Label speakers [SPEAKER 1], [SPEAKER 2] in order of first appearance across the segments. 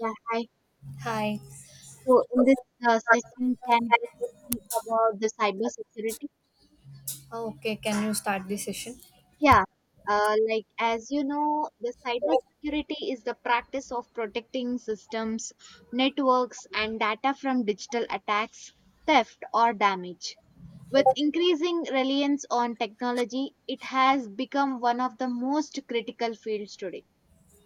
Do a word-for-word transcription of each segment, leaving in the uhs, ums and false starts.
[SPEAKER 1] Yeah, hi.
[SPEAKER 2] Hi.
[SPEAKER 1] So in this uh, session, can we speak about the cybersecurity?
[SPEAKER 2] Okay, can you start this session?
[SPEAKER 1] Yeah, uh, like as you know, the cybersecurity is the practice of protecting systems, networks, and data from digital attacks, theft, or damage. With increasing reliance on technology, it has become one of the most critical fields today.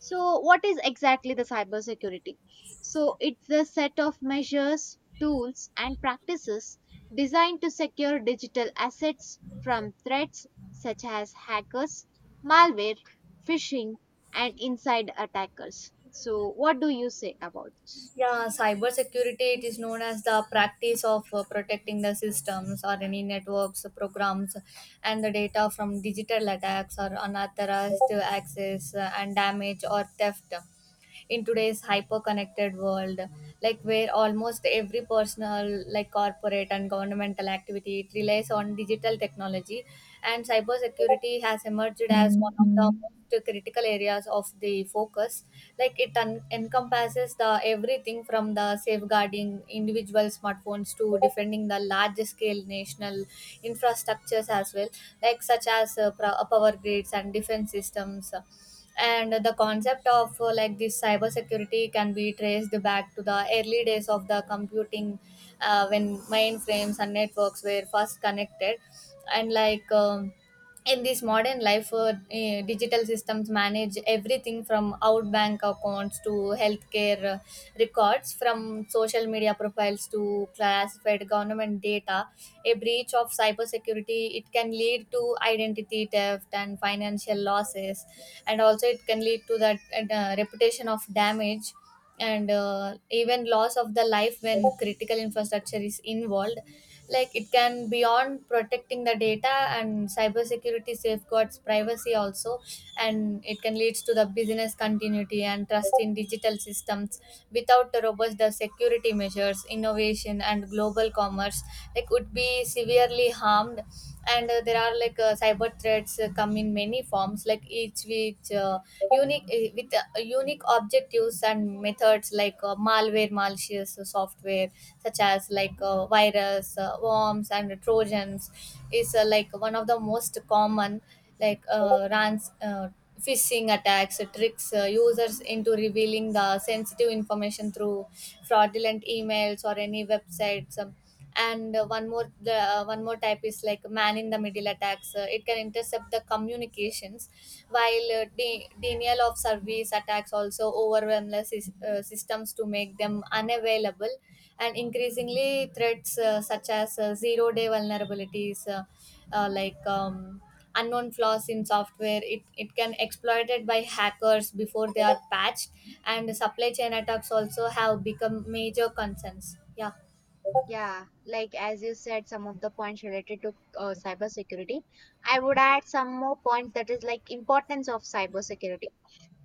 [SPEAKER 1] So, what is exactly the cybersecurity? So, it's a set of measures, tools, and practices designed to secure digital assets from threats such as hackers, malware, phishing, and inside attackers. So, what do you say about this?
[SPEAKER 2] Yeah, cybersecurity, it is known as the practice of uh, protecting the systems or any networks, programs, and the data from digital attacks or unauthorized access, uh, and damage or theft. In today's hyper connected world, like where almost every personal, like corporate and governmental activity, it relies on digital technology, and cybersecurity has emerged as one of the
[SPEAKER 1] Mhm.
[SPEAKER 2] most critical areas of the focus. Like it un- encompasses the everything from the safeguarding individual smartphones to defending the large scale national infrastructures as well, like such as uh, pro- uh, power grids and defense systems. And the concept of uh, like this cybersecurity can be traced back to the early days of the computing, uh, when mainframes and networks were first connected. And like um, in this modern life, uh, eh, digital systems manage everything from out bank accounts to healthcare uh, records, from social media profiles to classified government data. A breach of cybersecurity, it can lead to identity theft and financial losses, and also it can lead to that uh, reputation of damage, and uh, even loss of the life when critical infrastructure is involved. Like it can beyond protecting the data, and cybersecurity safeguards privacy also, and it can leads to the business continuity and trust in digital systems. Without the robust the security measures, innovation and global commerce like would be severely harmed. And uh, there are like uh, cyber threats uh, come in many forms, like each which uh, unique, uh, with uh, unique objectives and methods, like uh, malware, malicious uh, software such as like uh, virus, uh, worms and trojans is uh, like one of the most common. Like uh, runs, uh, phishing attacks uh, tricks uh, users into revealing the sensitive information through fraudulent emails or any websites. Um, and uh, one more, the uh, one more type is like man in the middle attacks, uh, it can intercept the communications, while uh, de- denial of service attacks also overwhelm the sys- uh, systems to make them unavailable. And increasingly threats, uh, such as uh, zero day vulnerabilities, uh, uh, like um, unknown flaws in software, it, it can exploited by hackers before they are patched, and supply chain attacks also have become major concerns, yeah.
[SPEAKER 1] Yeah, like as you said, some of the points related to uh, cybersecurity. I would add some more points that is like importance of cybersecurity.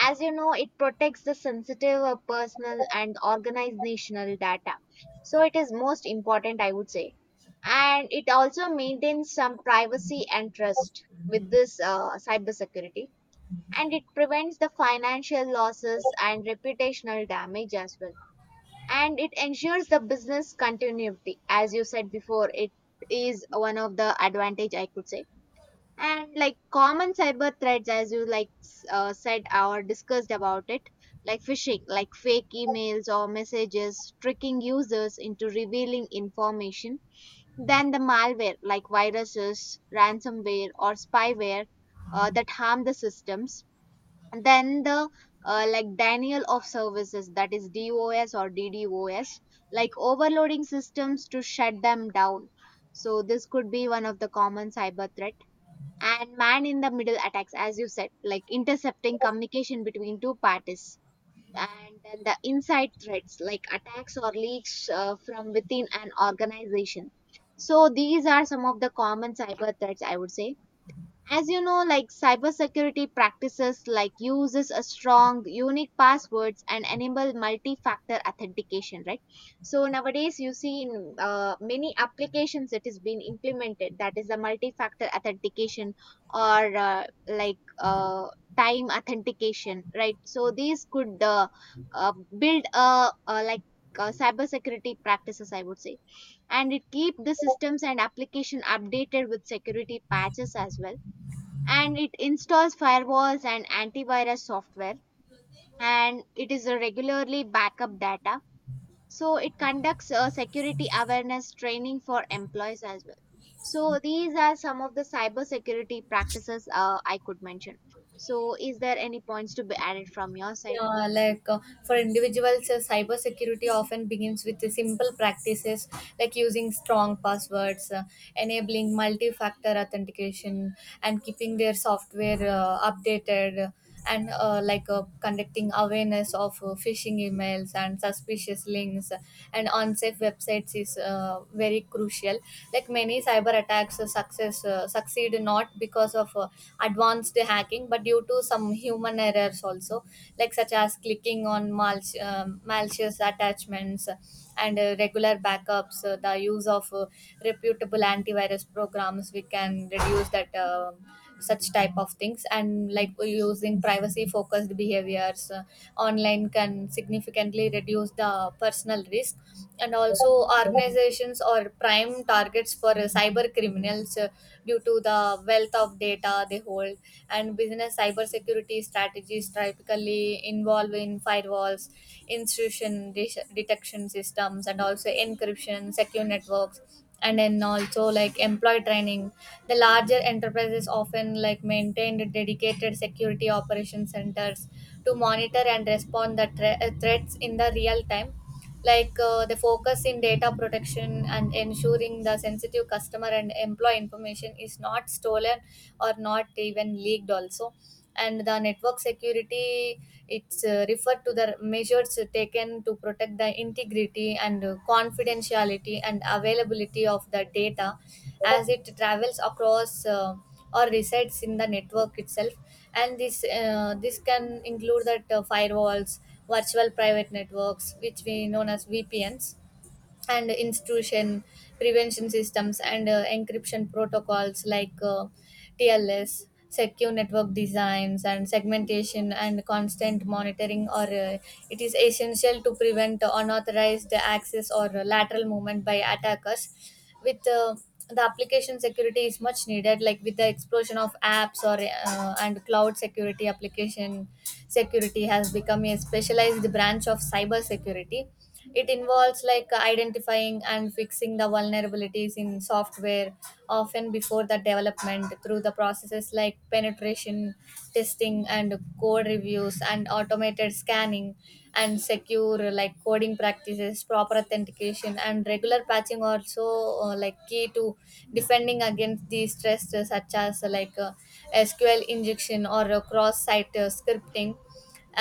[SPEAKER 1] As you know, it protects the sensitive uh, personal and organizational data. So it is most important, I would say. And it also maintains some privacy and trust with this uh, cybersecurity. And it prevents the financial losses and reputational damage as well. And it ensures the business continuity. As you said before, it is one of the advantage I could say, and like common cyber threats as you like s- uh, said or discussed about it, like phishing, like fake emails or messages tricking users into revealing information, then the malware like viruses, ransomware, or spyware uh, that harm the systems, and then the uh, like denial of services, that is DOS or DDOS, like overloading systems to shut them down. So this could be one of the common cyber threats, and man in the middle attacks, as you said, like intercepting communication between two parties, and then the inside threats like attacks or leaks uh, from within an organization. So these are some of the common cyber threats, I would say. As you know, like cybersecurity practices like uses a strong, unique passwords and enable multi-factor authentication, right? So nowadays, you see in uh, many applications it is being implemented. That is the multi-factor authentication or uh, like uh, time authentication, right? So these could uh, uh, build a, a like uh, cybersecurity practices, I would say, and it keep the systems and application updated with security patches as well, and it installs firewalls and antivirus software, and it is a regularly backup data. So it conducts a security awareness training for employees as well. So these are some of the cybersecurity practices uh, I could mention. So is there any points to be added from your side?
[SPEAKER 2] Yeah, like, uh, for individuals, uh, cybersecurity often begins with the simple practices like using strong passwords, uh, enabling multi factor authentication, and keeping their software uh, updated, and uh, like uh, conducting awareness of uh, phishing emails and suspicious links and unsafe websites is uh, very crucial. Like many cyber attacks uh, success uh, succeed not because of uh, advanced hacking, but due to some human errors also, like such as clicking on mal- um malicious attachments and uh, regular backups. Uh, the use of uh, reputable antivirus programs, we can reduce that. Uh, such type of things, and like using privacy focused behaviors uh, online can significantly reduce the personal risk. And also, organizations are prime targets for uh, cyber criminals uh, due to the wealth of data they hold, and business cybersecurity strategies typically involve in firewalls, intrusion de- detection systems, and also encryption, secure networks, and then also like employee training. The larger enterprises often like maintained dedicated security operation centers to monitor and respond the thre- uh, threats in the real time. Like uh, the focus in data protection and ensuring the sensitive customer and employee information is not stolen or not even leaked also. And the network security, it's uh, referred to the measures taken to protect the integrity and uh, confidentiality and availability of the data as it travels across uh, or resides in the network itself. And this uh, this can include that uh, firewalls, virtual private networks, which we known as V P Ns, and institution prevention systems, and uh, encryption protocols like uh, T L S, secure network designs, and segmentation and constant monitoring. Or uh, it is essential to prevent unauthorized access or lateral movement by attackers. With uh, the application security is much needed, like with the explosion of apps or uh, and cloud security, application security has become a specialized branch of cyber security. It involves like identifying and fixing the vulnerabilities in software, often before the development, through the processes like penetration testing and code reviews and automated scanning, and secure like coding practices, proper authentication, and regular patching also, uh, like key to defending against these stress such as uh, like uh, sequel injection or uh, cross-site uh, scripting.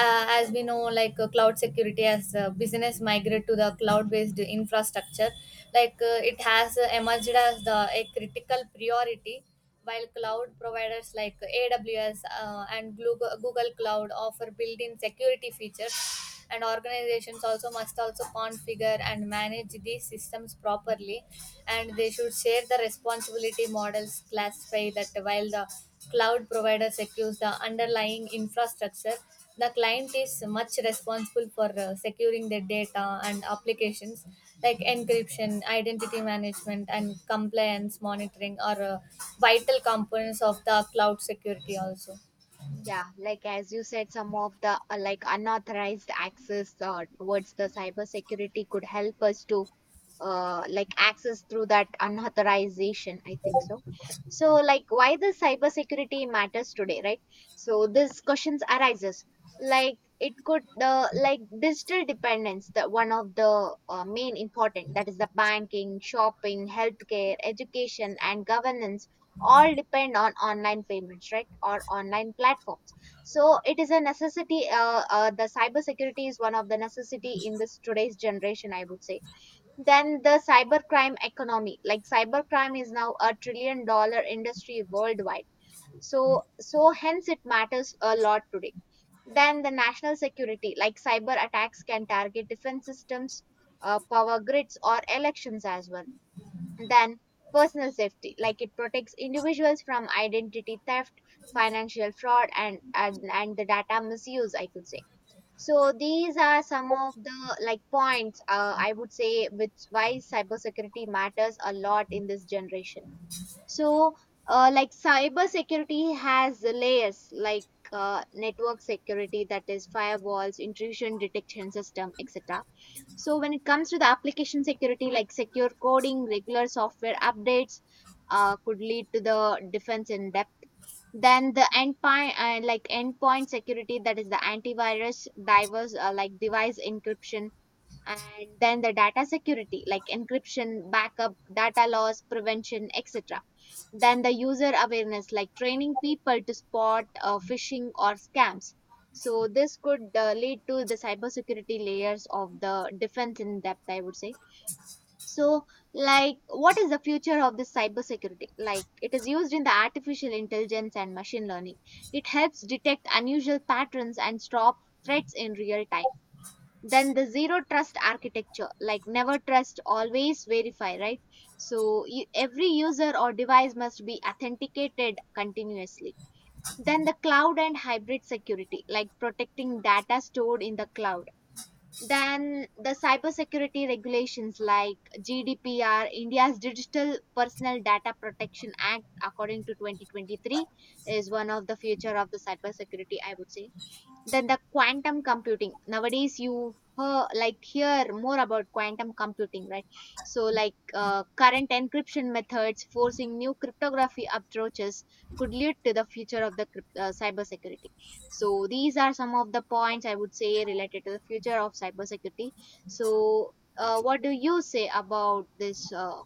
[SPEAKER 2] Uh, as we know, like uh, cloud security, as uh, business migrate to the cloud based infrastructure, like uh, it has uh, emerged as the a critical priority. While cloud providers like A W S uh, and google, google cloud offer built-in security features, and organizations also must also configure and manage these systems properly, and they should share the responsibility models classify that while the cloud provider secures the underlying infrastructure, the client is much responsible for uh, securing their data and applications, like encryption, identity management, and compliance monitoring are uh, vital components of the cloud security also.
[SPEAKER 1] Yeah, like as you said, some of the uh, like unauthorized access uh, towards the cybersecurity could help us to uh, like access through that unauthorization, I think so. So, like, why the cybersecurity matters today, right? So, this questions arises, like it could uh, like digital dependence, the one of the uh, main important, that is the banking, shopping, healthcare, education, and governance all depend on online payments, right, or online platforms. So it is a necessity. Uh, uh, the cyber security is one of the necessity in this today's generation, I would say. Then the cybercrime economy, like cybercrime is now a trillion dollar industry worldwide, so so hence it matters a lot today. Then the national security, like cyber attacks can target defense systems, uh, power grids, or elections as well. Then, personal safety, like it protects individuals from identity theft, financial fraud, and, and, and the data misuse, I could say. So these are some of the like points uh, I would say which why cybersecurity matters a lot in this generation. So uh, like cybersecurity has layers, like uh, network security, that is firewalls, intrusion detection system, etc. So when it comes to the application security, like secure coding, regular software updates, uh, could lead to the defense in depth. Then the endpoint, uh, like endpoint security, that is the antivirus, diverse uh, like device encryption, and then the data security like encryption, backup, data loss prevention, etc. Then the user awareness, like training people to spot uh, phishing or scams. So this could uh, lead to the cybersecurity layers of the defense in depth, I would say. So, like, what is the future of this cybersecurity? Like it is used in the artificial intelligence and machine learning. It helps detect unusual patterns and stop threats in real time. Then the zero trust architecture, like never trust, always verify, right? So you, every user or device must be authenticated continuously. Then the cloud and hybrid security, like protecting data stored in the cloud. Then the cybersecurity regulations like GDPR, India's digital personal data protection act according to twenty twenty-three, is one of the future of the cybersecurity, I would say. Then the quantum computing. Nowadays, you hear, like hear more about quantum computing, right? So, like uh, current encryption methods forcing new cryptography approaches could lead to the future of the crypt- uh, cybersecurity. So, these are some of the points I would say related to the future of cybersecurity. So, uh, what do you say about this uh,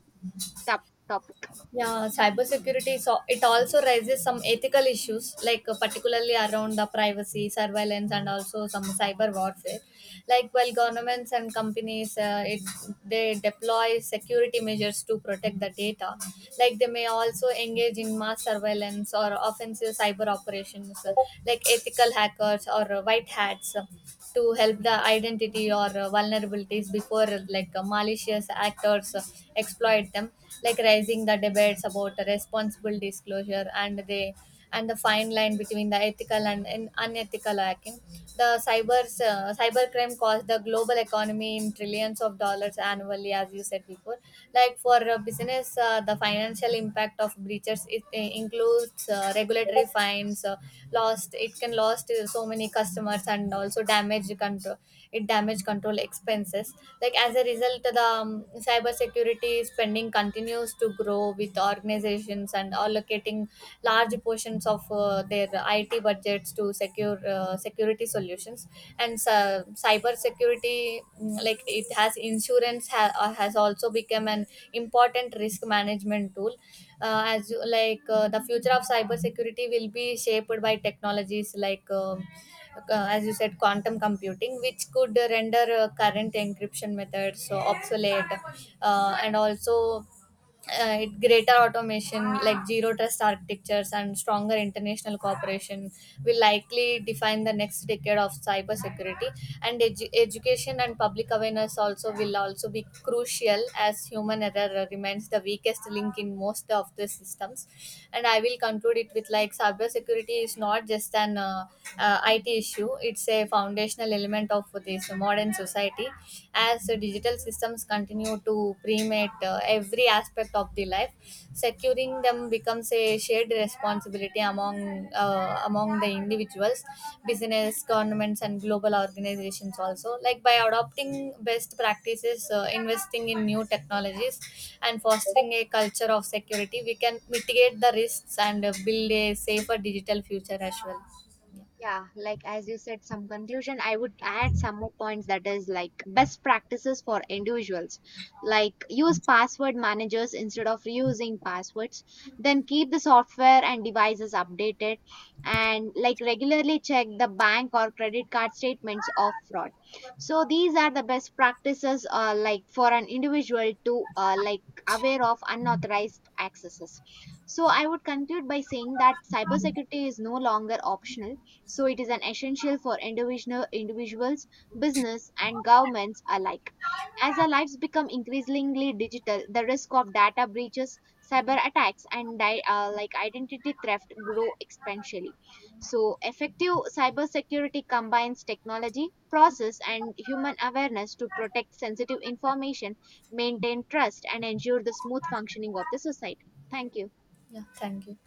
[SPEAKER 1] top topic?
[SPEAKER 2] Yeah, cybersecurity. So it also raises some ethical issues, like uh, particularly around the privacy, surveillance, and also some cyber warfare. Like while governments and companies, uh, it they deploy security measures to protect the data. Like they may also engage in mass surveillance or offensive cyber operations, uh, like ethical hackers or uh, white hats, uh, to help the identity or uh, vulnerabilities before uh, like uh, malicious actors uh, exploit them, like raising the debates about the responsible disclosure and the and the fine line between the ethical and, and unethical hacking. The cyber uh, cybercrime costs the global economy in trillions of dollars annually, as you said before. Like for a business, uh, the financial impact of breaches, it uh, includes uh, regulatory fines, uh, lost, it can lost uh, so many customers, and also damage the control, it damage control expenses, like as a result the um, cybersecurity spending continues to grow with organizations and allocating large portions of uh, their I T budgets to secure uh, security solutions. And uh, cyber security mm, like it has insurance ha- uh, has also become an important risk management tool. Uh, as you, like uh, the future of cybersecurity will be shaped by technologies like, um uh, as you said, quantum computing, which could render uh, current encryption methods so obsolete, uh, and also, uh, it- greater automation, like zero trust architectures and stronger international cooperation will likely define the next decade of cybersecurity. And edu- education and public awareness also will also be crucial, as human error remains the weakest link in most of the systems. And I will conclude it with, like, cybersecurity is not just an uh, uh, I T issue, it's a foundational element of this modern society, as the digital systems continue to permeate uh, every aspect of the life, securing them becomes a shared responsibility among uh, among the individuals, business, governments, and global organizations also, like by adopting best practices, uh, investing in new technologies, and fostering a culture of security, we can mitigate the risks and uh, build a safer digital future as well.
[SPEAKER 1] Yeah, like as you said, some conclusion. I would add some more points, that is like best practices for individuals. Like use password managers instead of reusing passwords. Then keep the software and devices updated, and like regularly check the bank or credit card statements of fraud. So these are the best practices uh, like for an individual to uh, like aware of unauthorized accesses. So I would conclude by saying that cybersecurity is no longer optional, so it is an essential for individual individuals, business, and governments alike. As our lives become increasingly digital, the risk of data breaches, cyber attacks, and di- uh, like identity theft grow exponentially. So effective cybersecurity combines technology, process, and human awareness to protect sensitive information, maintain trust, and ensure the smooth functioning of the society. Thank you.
[SPEAKER 2] Yeah, thank you.